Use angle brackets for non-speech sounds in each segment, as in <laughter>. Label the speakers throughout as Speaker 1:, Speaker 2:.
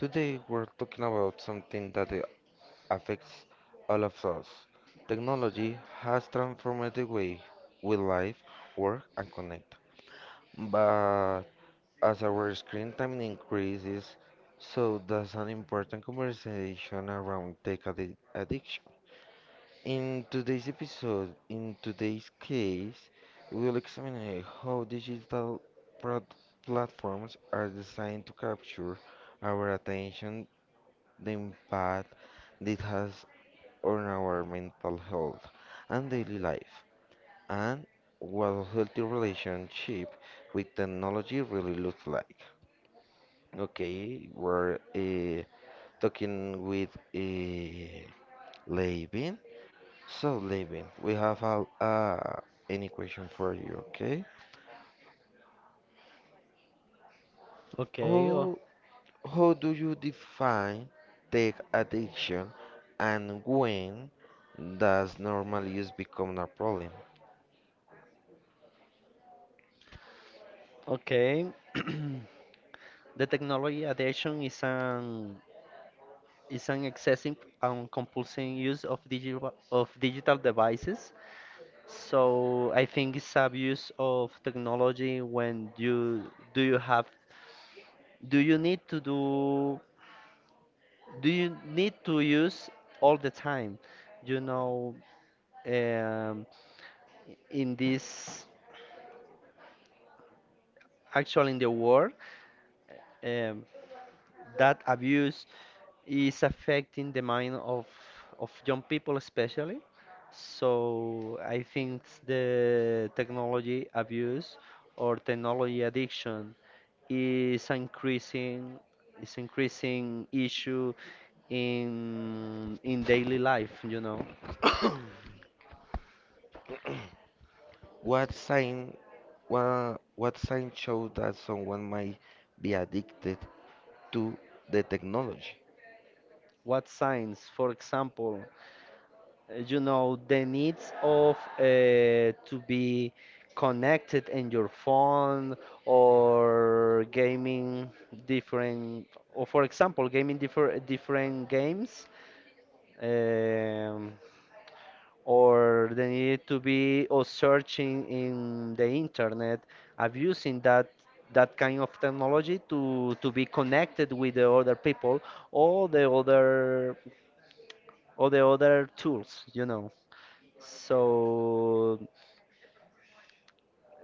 Speaker 1: Today we're talking about something that affects all of us. Technology has transformed the way we live, work, and connect. But as our screen time increases, so does an important conversation around addiction. In today's case, we'll examine how digital prod- platforms are designed to capture our attention, the impact it has on our mental health and daily life, and what a healthy relationship with technology really looks like. Okay, we're talking with so, Levin, we have a, an equation for you, okay?
Speaker 2: Okay,
Speaker 1: How, how do you define tech addiction and when does normal use become a problem?
Speaker 2: okay. <clears throat> The technology addiction is an excessive and compulsive use of digital devices. So I think it's abuse of technology when you do you have do you need to do do you need to use all the time? You know, um, in this actually in the world. um, that abuse is affecting the mind of young people especially. So I think the technology abuse or technology addiction is increasing issue in daily life.
Speaker 1: What sign, what sign shows that someone might be addicted to the technology?
Speaker 2: What signs? For example, you know the needs of to be connected in your phone or gaming different, or for example gaming different games, um, or they need to be or searching in the internet, abusing that kind of technology to be connected with the other people, or the other tools, you know. So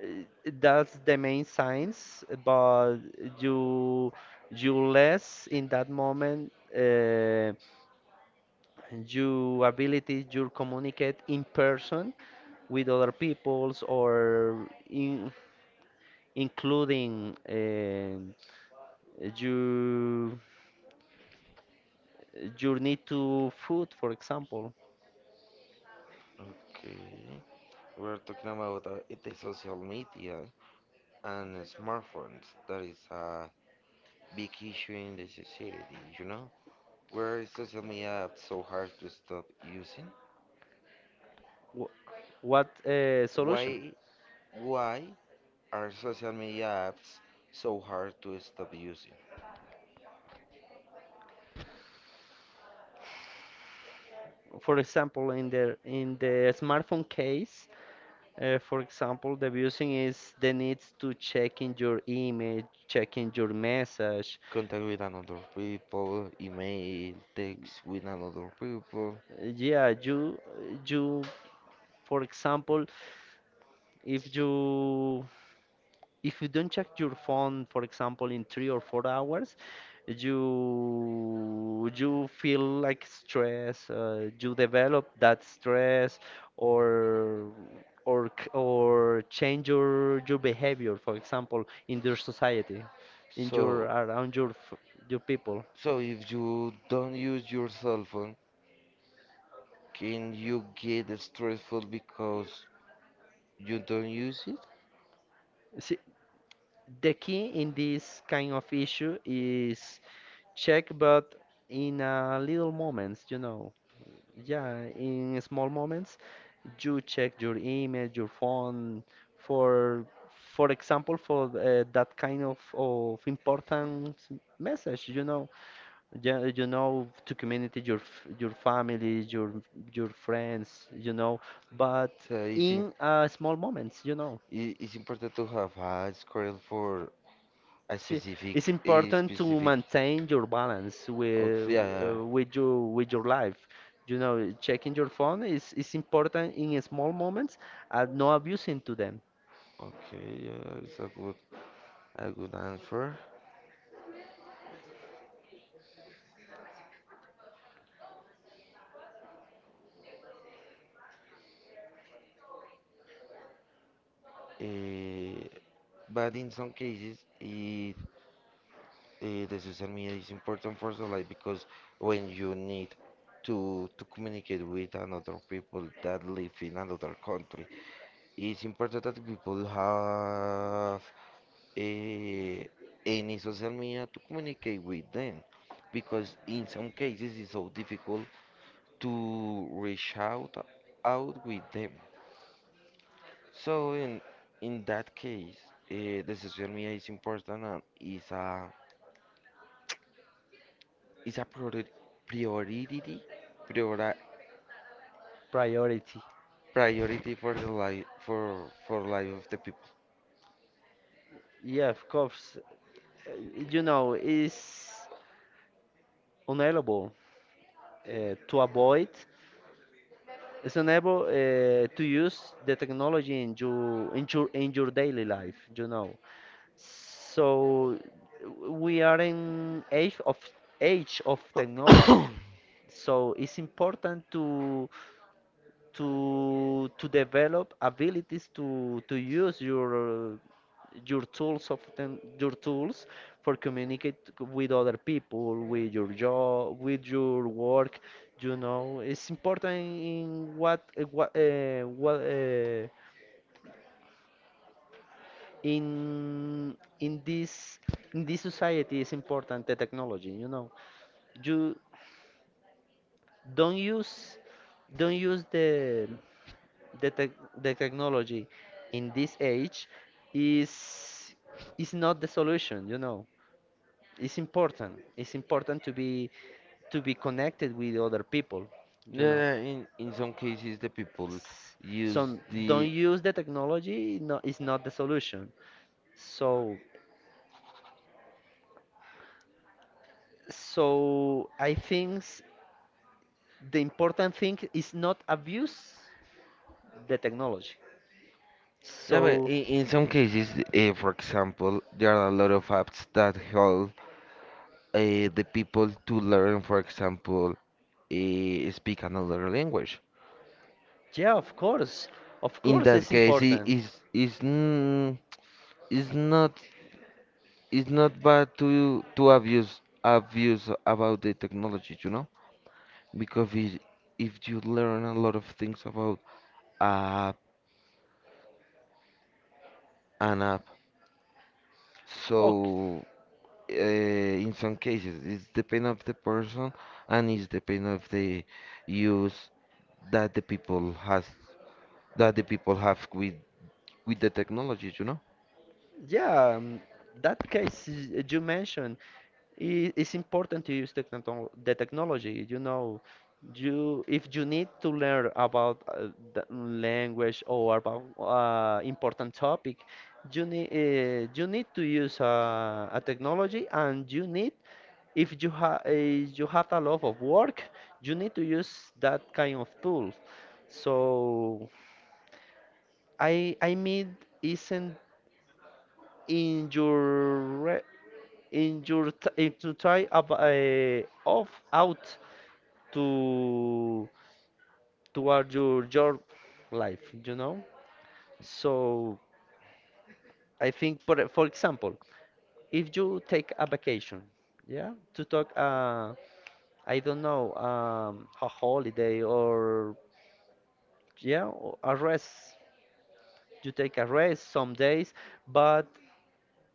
Speaker 2: eh, that's the main signs, but you you less in that moment, your ability to communicate in person with other peoples, or in, including you you need to food, for example.
Speaker 1: Okay, we're talking about it is social media and smartphones. That is a big issue in the society, you know? Where is social media so hard to stop using?
Speaker 2: Wh- What solution?
Speaker 1: Why why are social media apps so hard to stop using?
Speaker 2: For example, in the smartphone case. For example, the abusing is the needs to check in your email, checking your message.
Speaker 1: Contact with another people, email, text with another people.
Speaker 2: Yeah, you, for example, if you don't check your phone, for example, in 3 or 4 hours, you feel like stress. You develop that stress, or or change your behavior. For example, in your society, in your
Speaker 1: So
Speaker 2: around your your people.
Speaker 1: so if you don't use your cell phone, can you get stressful because you don't use it?
Speaker 2: See, the key in this kind of issue is check, but in a little moments, you know. Yeah, in small moments, you check your email, your phone for, for example, for that kind of important message, you know. Yeah, you know, to community, your your family, your friends, you know. But
Speaker 1: So it's im-
Speaker 2: in small moments, you know.
Speaker 1: it's important to have a schedule for a
Speaker 2: See,
Speaker 1: specific,
Speaker 2: it's
Speaker 1: a
Speaker 2: important to
Speaker 1: specific.
Speaker 2: maintain your balance with
Speaker 1: Okay, yeah, yeah.
Speaker 2: with your life. You know, checking your phone is important in small moments and not abusing to them.
Speaker 1: Yeah. Okay, yeah, it's a good answer. Eh, but in some cases, it, eh, the social media is important for the life because when you need to communicate with another people that live in another country, it's important that people have eh, in social media to communicate with them because in some cases it's so difficult to reach out with them so in that case the social media is important and is a is a priori- priority priori-
Speaker 2: Priority.
Speaker 1: priority for the life for life of the people.
Speaker 2: Yeah, of course. You know, it's unable to avoid. It's unable to use the technology in your daily life. You know, so we are in age of technology. So it's important to develop abilities to use your tools of them, your tools for communicate with other people, with your job, with your work. You know, it's important in what in this society is important the technology. You know, you don't use don't use the tech the technology in this age is is not the solution, you know. It's important to be connected with other people, you know.
Speaker 1: Yeah, in some cases the people
Speaker 2: S-
Speaker 1: use
Speaker 2: so don't
Speaker 1: the.
Speaker 2: use the technology, no, it's not the solution. So I think, the important thing is not abuse the technology,
Speaker 1: Yeah, but
Speaker 2: so.
Speaker 1: in some cases, for example, there are a lot of apps that help uh, the people to learn, for example, speak another language.
Speaker 2: Yeah, of course, of
Speaker 1: In
Speaker 2: course,
Speaker 1: that
Speaker 2: it's
Speaker 1: case, it
Speaker 2: important.
Speaker 1: is n- is not is not bad to abuse about the technology, you know, because if you learn a lot of things about a app, an app,
Speaker 2: Okay.
Speaker 1: so. Uh, in some cases it's the pain of the person and it's the pain of the use that the people has that the people have with the technology, you know,
Speaker 2: Yeah, that case you mentioned, it's important to use techno the technology. You know, you if you need to learn about the language, or about important topic, you need to use a technology. And you need if you have a lot of work, you need to use that kind of tool. So I mean, isn't in your re in your in to try off out to toward your life, you know. So I think, for example, if you take a vacation. Yeah, to talk, I don't know, a holiday, or yeah, or a rest, you take a rest some days. But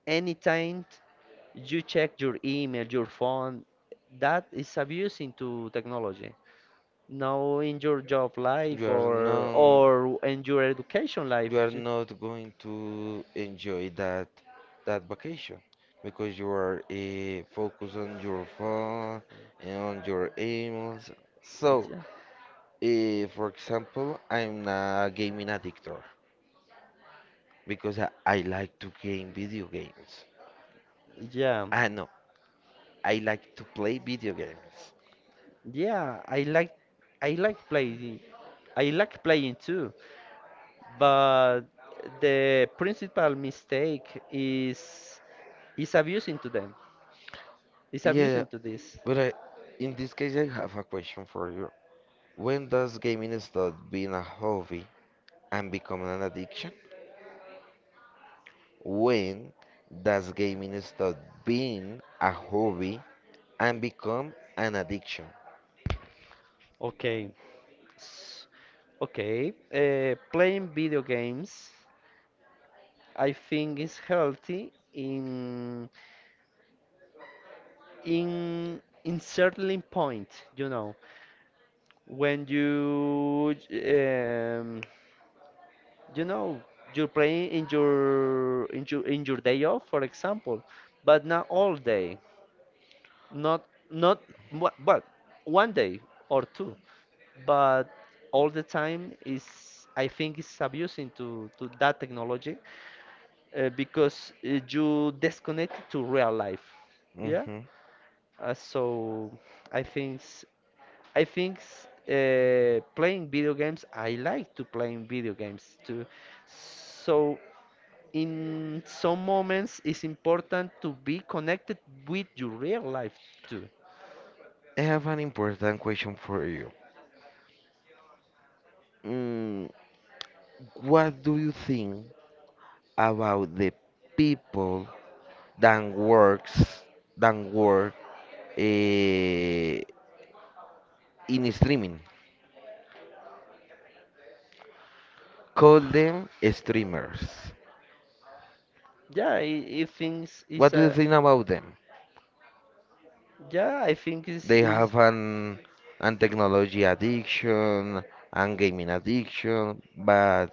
Speaker 2: anytime you check your email, your phone, that is abusing to technology, now in your job
Speaker 1: you
Speaker 2: life,
Speaker 1: are
Speaker 2: or
Speaker 1: not
Speaker 2: or in your education life.
Speaker 1: you are not going to enjoy that vacation because you are focused on your phone and on your emails so
Speaker 2: Yeah,
Speaker 1: for example, I'm a gaming addict because I like to game video games.
Speaker 2: yeah,
Speaker 1: Ah, no, I like to play video games.
Speaker 2: yeah, i like playing I like playing too. But the principal mistake is abusing to them, is
Speaker 1: Yeah,
Speaker 2: abusing to this.
Speaker 1: but I, in this case, I have a question for you. When does gaming stop being a hobby and become an addiction? When does gaming stop being a hobby and become an addiction?
Speaker 2: Okay. S- okay, playing video games, I think it's healthy in, in certain point, you know. When you, you know, you're playing in your day off, for example. But not all day, not not but one day or two. But all the time is, I think it's abusing to that technology, because you disconnect to real life. Yeah.
Speaker 1: Hmm.
Speaker 2: So I think s- playing video games. I like to playing video games too. So in some moments, it's important to be connected with your real life too.
Speaker 1: I have an important question for you. Mm, what do you think about the people than works than work eh, in streaming. Call them streamers.
Speaker 2: Yeah, it's
Speaker 1: What do you
Speaker 2: a.
Speaker 1: think about them?
Speaker 2: Yeah, I think it's,
Speaker 1: They
Speaker 2: it's
Speaker 1: have an technology addiction and gaming addiction, but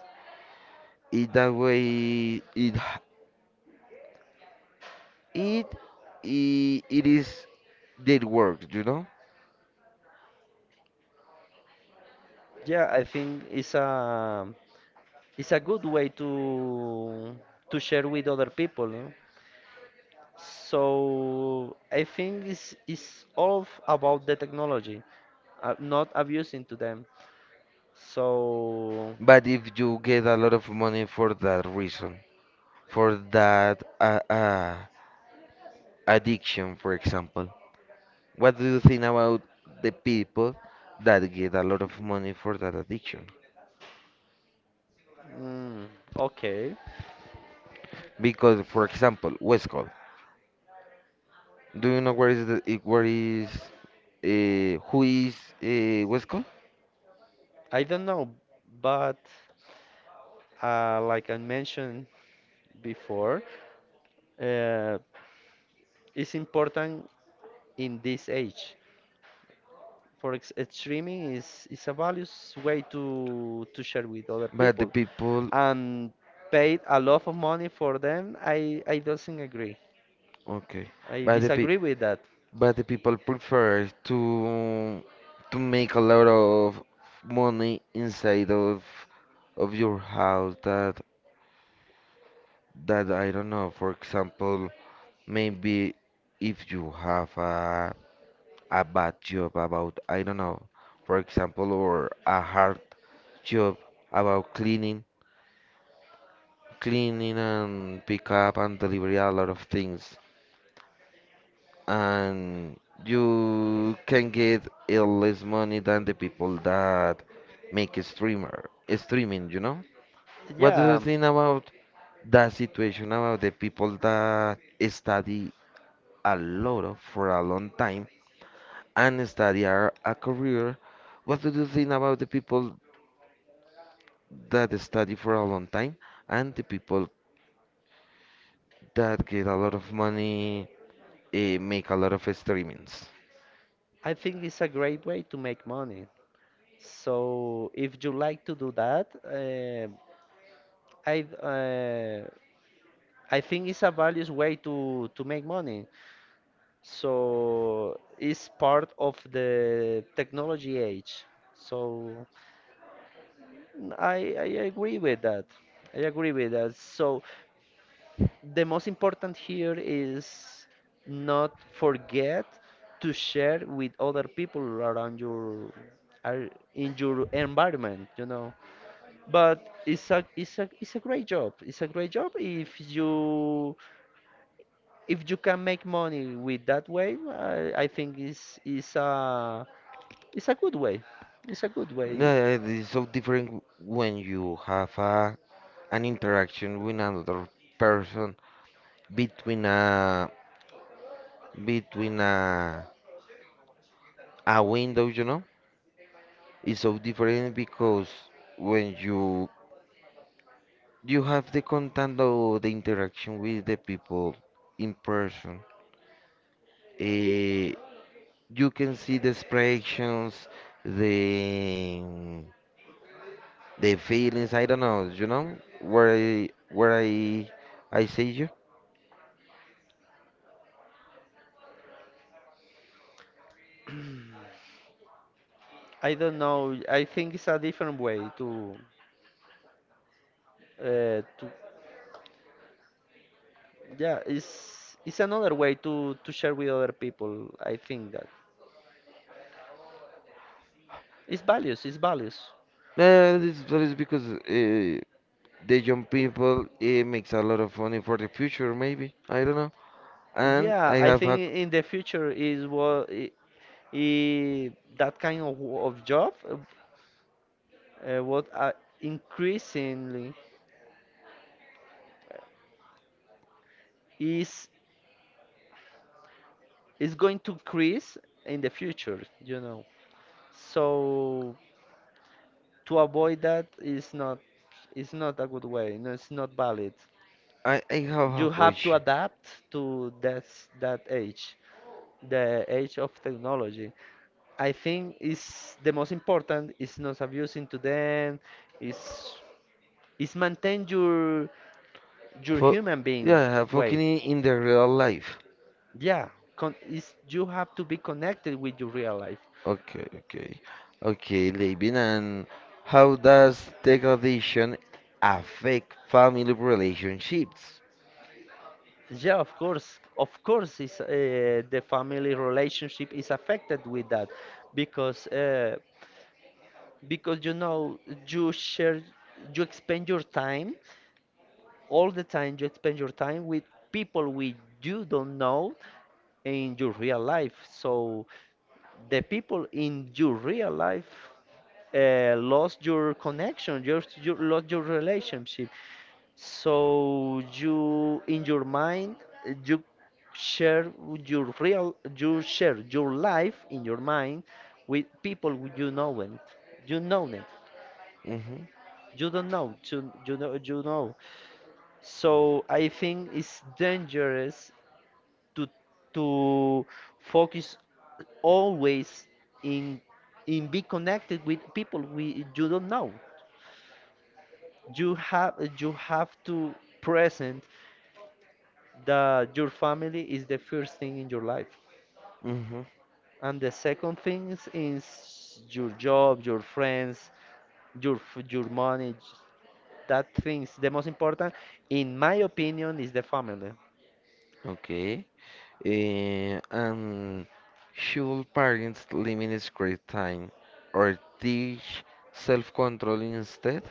Speaker 1: in that way it h- it I- it is did work, you know.
Speaker 2: Yeah, I think it's a good way to share with other people. No? So I think it's all about the technology, not abusing to them. So.
Speaker 1: But if you get a lot of money for that reason, for that addiction, for example, what do you think about the people that get a lot of money for that addiction?
Speaker 2: Mm, okay,
Speaker 1: Because, for example, West Coast. Do you know where is where is who is West Coast?
Speaker 2: I don't know, but like I mentioned before, uh, it's important in this age. For ex streaming is a values way to share with other
Speaker 1: But the
Speaker 2: people,
Speaker 1: people,
Speaker 2: and paid a lot of money for them. I doesn't agree.
Speaker 1: okay.
Speaker 2: I
Speaker 1: But the pe
Speaker 2: disagree with that.
Speaker 1: but the people prefer to make a lot of money inside of your house. That that I don't know. For example, maybe if you have a bad job about, I don't know, for example, or a hard job about cleaning, cleaning and pick up and deliver a lot of things. And you can get a less money than the people that make a streamer, a streaming, you know? What do
Speaker 2: Yeah,
Speaker 1: you think about that situation about the people that study a lot of for a long time and study a career? What do you think about the people that study for a long time and the people that get a lot of money make a lot of streamings.
Speaker 2: I think it's a great way to make money. So if you like to do that, I uh, I think it's a values way to make money. So it's part of the technology age. So I agree with that. I agree with that. So the most important here is not forget to share with other people around your in your environment, you know. But it's a great job, if you can make money with that way. I think it's a good way it's a good way.
Speaker 1: It's so different when you have a, an interaction with another person between a between a window, you know. It's so different because when you have the contact or the interaction with the people in person. Uh, you can see the expressions, the the feelings. I don't know, you know, where I say you.
Speaker 2: I don't know, I think it's a different way to, uh, to yeah, it's another way to share with other people. I think that it's values.
Speaker 1: No, this that is because the young people it makes a lot of money for the future, maybe. I don't know. And
Speaker 2: Yeah, I think in the future is what, I that kind of of job, what increasingly is is going to increase in the future. You know, so to avoid that is not a good way. No, it's not valid.
Speaker 1: I have a
Speaker 2: You have to
Speaker 1: question.
Speaker 2: adapt to that age, the age of technology. I think is the most important is not abusing to them, is is maintain your
Speaker 1: For
Speaker 2: human being
Speaker 1: yeah,
Speaker 2: way.
Speaker 1: fucking in the real life.
Speaker 2: Yeah, con is, you have to be connected with your real life.
Speaker 1: Okay, okay. Okay, Levin, and how does degradation affect family relationships?
Speaker 2: Yeah, of course, is the family relationship is affected with that, because because you know, you share, you expend your time, all the time you spend your time with people which you don't know in your real life. So the people in your real life, lost your connection, you lost your relationship. So you, in your mind, you share your life in your mind with people who you know, and you know them.
Speaker 1: Mm-hmm.
Speaker 2: You don't know, you know, you know. So I think it's dangerous to to focus always in in be connected with people we you don't know. You have, to present that your family is the first thing in your life,
Speaker 1: Mm-hmm.
Speaker 2: and the second thing is your job, your friends, your your money. That things the most important, in my opinion, is the family.
Speaker 1: Okay. Eh, and should parents limit screen time or teach self-control instead?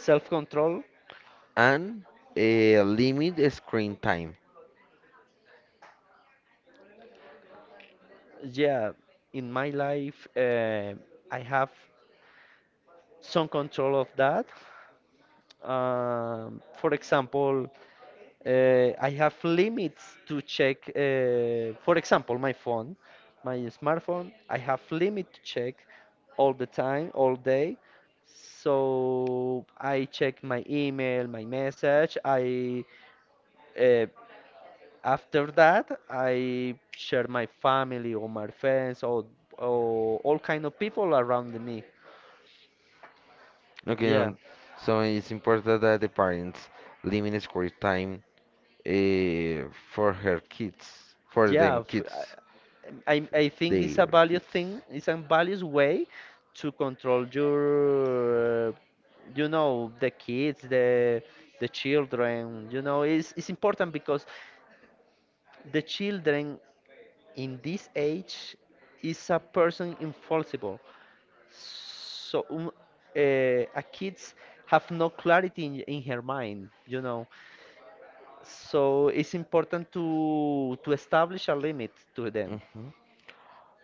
Speaker 2: Self control.
Speaker 1: And eh, limit screen time.
Speaker 2: Yeah, in my life, I have some control of that. For example, I have limits to check. For example, my phone, my smartphone, I have limit to check all the time, all day. So I check my email, my message. I uh, After that, I share my family, or my friends, or all kind of people around me.
Speaker 1: Okay,
Speaker 2: Yeah,
Speaker 1: and so it's important that the parents limit screen time eh, for her kids, for
Speaker 2: yeah.
Speaker 1: them kids,
Speaker 2: I think
Speaker 1: their
Speaker 2: it's a value
Speaker 1: kids.
Speaker 2: thing. It's a values way to control you know, the kids, the children. You know, it's important because the children in this age is a person infallible. So a kids have no clarity in her mind, you know. So it's important to establish a limit to them.
Speaker 1: Mhm.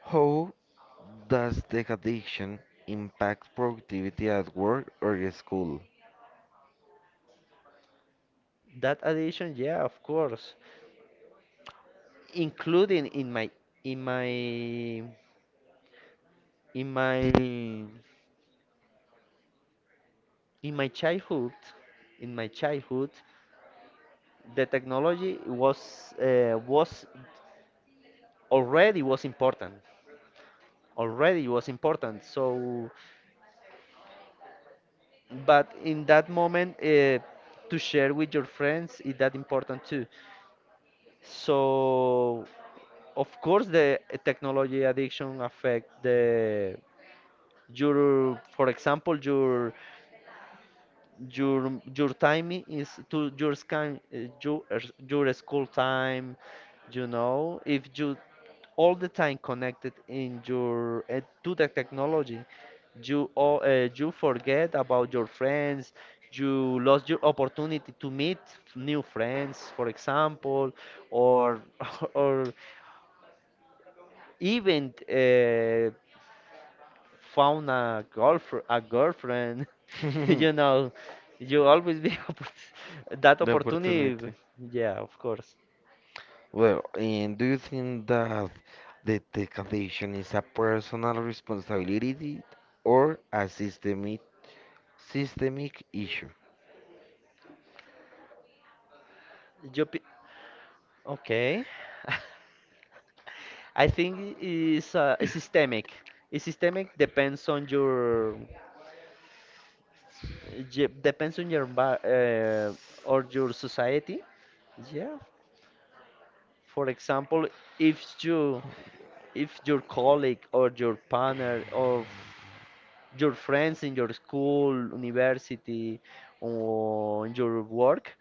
Speaker 1: How does the addiction impact productivity at work or at school?
Speaker 2: That addiction, yeah, of course, including in my in my in my childhood. In my childhood, the technology was, already was important, so. But in that moment, to share with your friends is that important too. So of course the technology addiction affect the your, for example, your time is to your scan, your your school time. You know, if you, all the time connected in your to the technology, you forget about your friends. You lost your opportunity to meet new friends, for example, or <laughs> or even found a girlfriend, <laughs>
Speaker 1: <laughs>
Speaker 2: you know, you always be <laughs> that
Speaker 1: The
Speaker 2: opportunity.
Speaker 1: opportunity.
Speaker 2: Yeah, of course.
Speaker 1: Well, and do you think that the tech addiction is a personal responsibility or a systemic issue.
Speaker 2: You pe- okay. <laughs> I think it's, is systemic. Is systemic, depends on your, je- depends on your ba- uh, or your society. Yeah. For example, if you, if your colleague, or your partner, or your friends in your school, university, or in your work,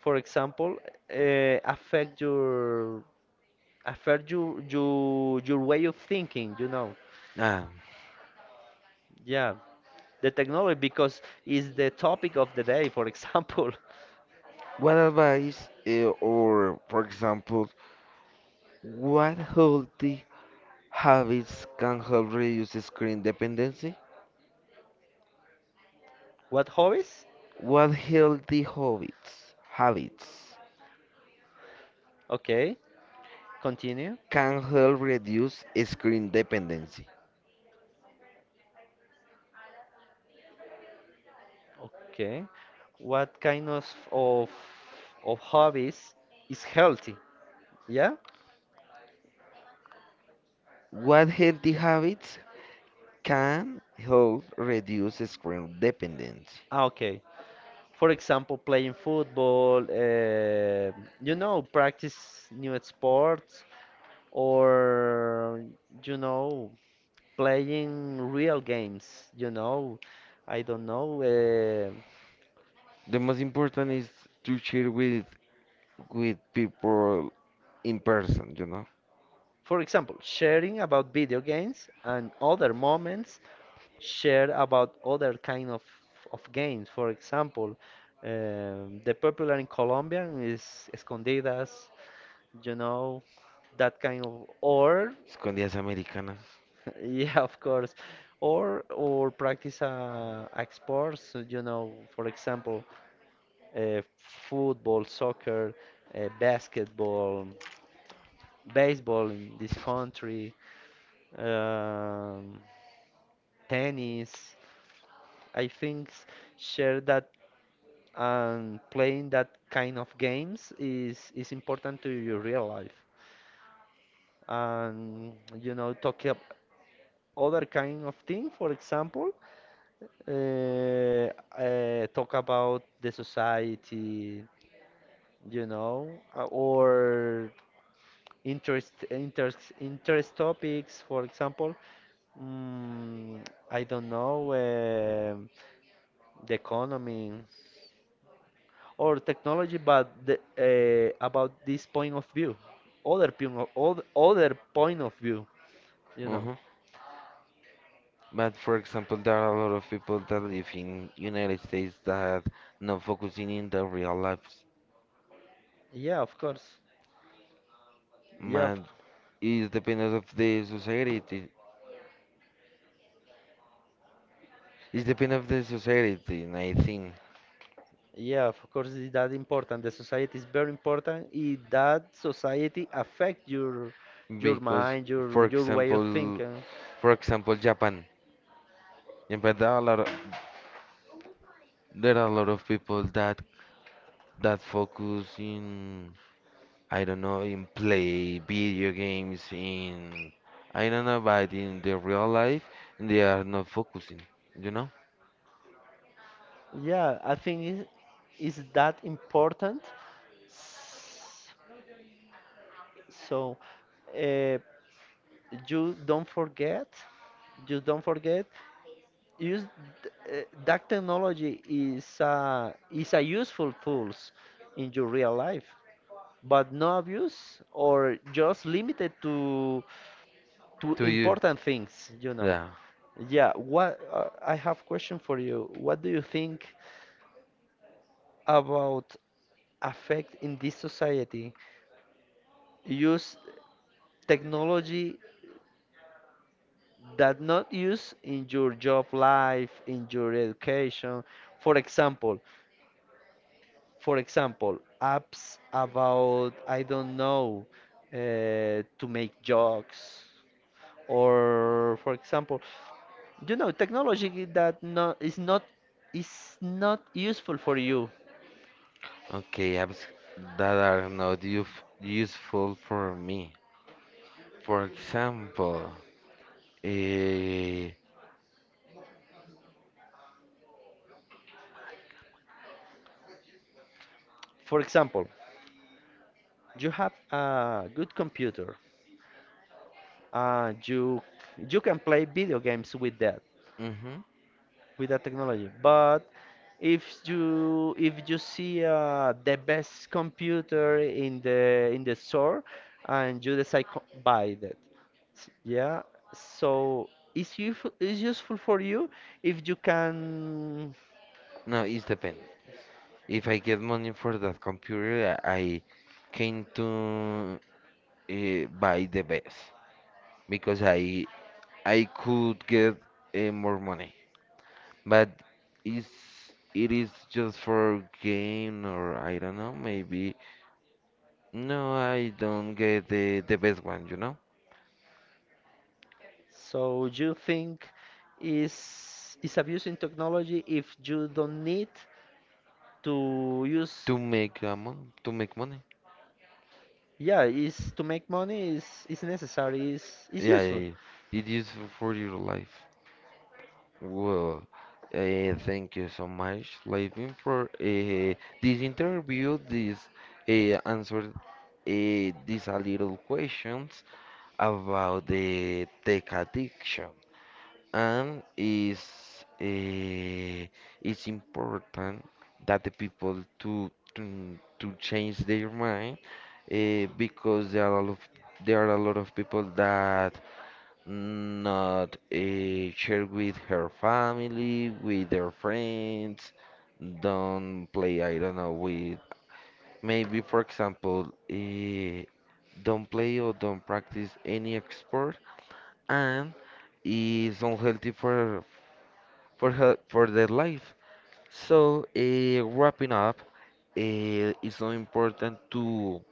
Speaker 2: for example, uh, affect your affect your way of thinking. You know,
Speaker 1: Ah,
Speaker 2: yeah, the technology, because is the topic of the day. For example,
Speaker 1: what advice eh, or, for example, what healthy habits can help reduce screen dependency?
Speaker 2: <laughs> what hobbies?
Speaker 1: Habits
Speaker 2: Okay, continue.
Speaker 1: can help reduce screen dependency?
Speaker 2: Okay. What kind of of hobbies is healthy? Yeah?
Speaker 1: What healthy habits can help reduce screen dependency?
Speaker 2: Ah, okay. For example, playing football, you know, practice new sports, or you know, playing real games, you know. I don't know.
Speaker 1: The most important is to share with people in person, you know,
Speaker 2: For example, sharing about video games, and other moments share about other kind of games. For example, the popular in Colombia is escondidas, you know, that kind of, or
Speaker 1: con días americanas.
Speaker 2: <laughs> yeah, of course, or practice a, sports, so, you know, for example, uh, football, soccer, basketball, baseball in this country. Um, Tennis. I think, share that, and playing that kind of games is important to your real life. And you know, talking other kind of thing, for example, uh, talk about the society, you know, or interest topics, for example. Mm, I don't know, the economy, or technology, but about this point of view, other point other point of view, you know.
Speaker 1: Hmm. But for example, there are a lot of people that live in United States that not focusing in their real lives.
Speaker 2: Yeah, of course. Yeah,
Speaker 1: But it's dependent of the society. It's dependent of the society, and I think
Speaker 2: of course. It's that important. The society is very important. That society affect your
Speaker 1: because,
Speaker 2: mind,
Speaker 1: for
Speaker 2: your way of
Speaker 1: example,
Speaker 2: thinking.
Speaker 1: for example, Japan. Japan, there are a lot of, there are a lot of people that that focus in. I don't know, in play video games, in I don't know, but in the real life, they are not focusing, you know,
Speaker 2: Yeah, I think it is that important. S- So, uh, you don't forget. You don't forget use that technology is, a useful tools in your real life, but no abuse, or just limited to
Speaker 1: to you.
Speaker 2: important things, you know.
Speaker 1: Yeah.
Speaker 2: Yeah, what, I have question for you. What do you think about affect in this society, use technology that not use in your job life, in your education, for example? For example, apps about, I don't know, to make jokes, or for example, you know, technology that, no, is not useful for you.
Speaker 1: Okay, apps that are not useful for me. For example, eh,
Speaker 2: For example, you have a good computer, and you can play video games with that,
Speaker 1: mhm.
Speaker 2: with that technology. But if you see, the best computer in the store, and you decide to buy that, yeah, so it's useful for you, if you can.
Speaker 1: No, it depends. If I get money for that computer, I came to eh, buy the best because I could get eh, more money. But is it is just for game or I don't know, maybe. No, I don't get the best one, you know,
Speaker 2: So you think is, abusing technology if you don't need to use,
Speaker 1: to make mon to make money.
Speaker 2: yeah, is to make money, is, necessary, is,
Speaker 1: Yeah, yeah,
Speaker 2: useful.
Speaker 1: yeah. It is for your life. Well, thank you so much, Levin, for this interview. This answered these a little questions about the tech addiction and is eh, it's important that the people to change their mind eh, because there are a lot of people that not eh, share with her family, with their friends, don't play, I don't know, with maybe for example, eh, don't play or don't practice any sport and is unhealthy for health, for their life. So wrapping up, it's so important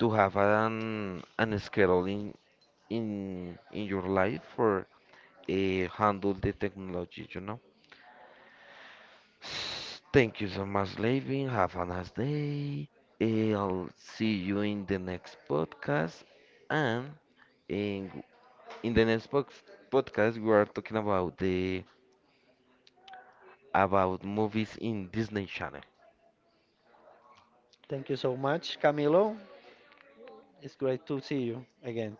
Speaker 1: to have an schedule in your life for handle the technology. You know. S- thank you so much, Levin. Have a nice day. Eh, I'll see you in the next podcast. And in, in the next box, podcast, we are talking about the about movies in Disney Channel.
Speaker 2: Thank you so much, Camilo. It's great to see you again.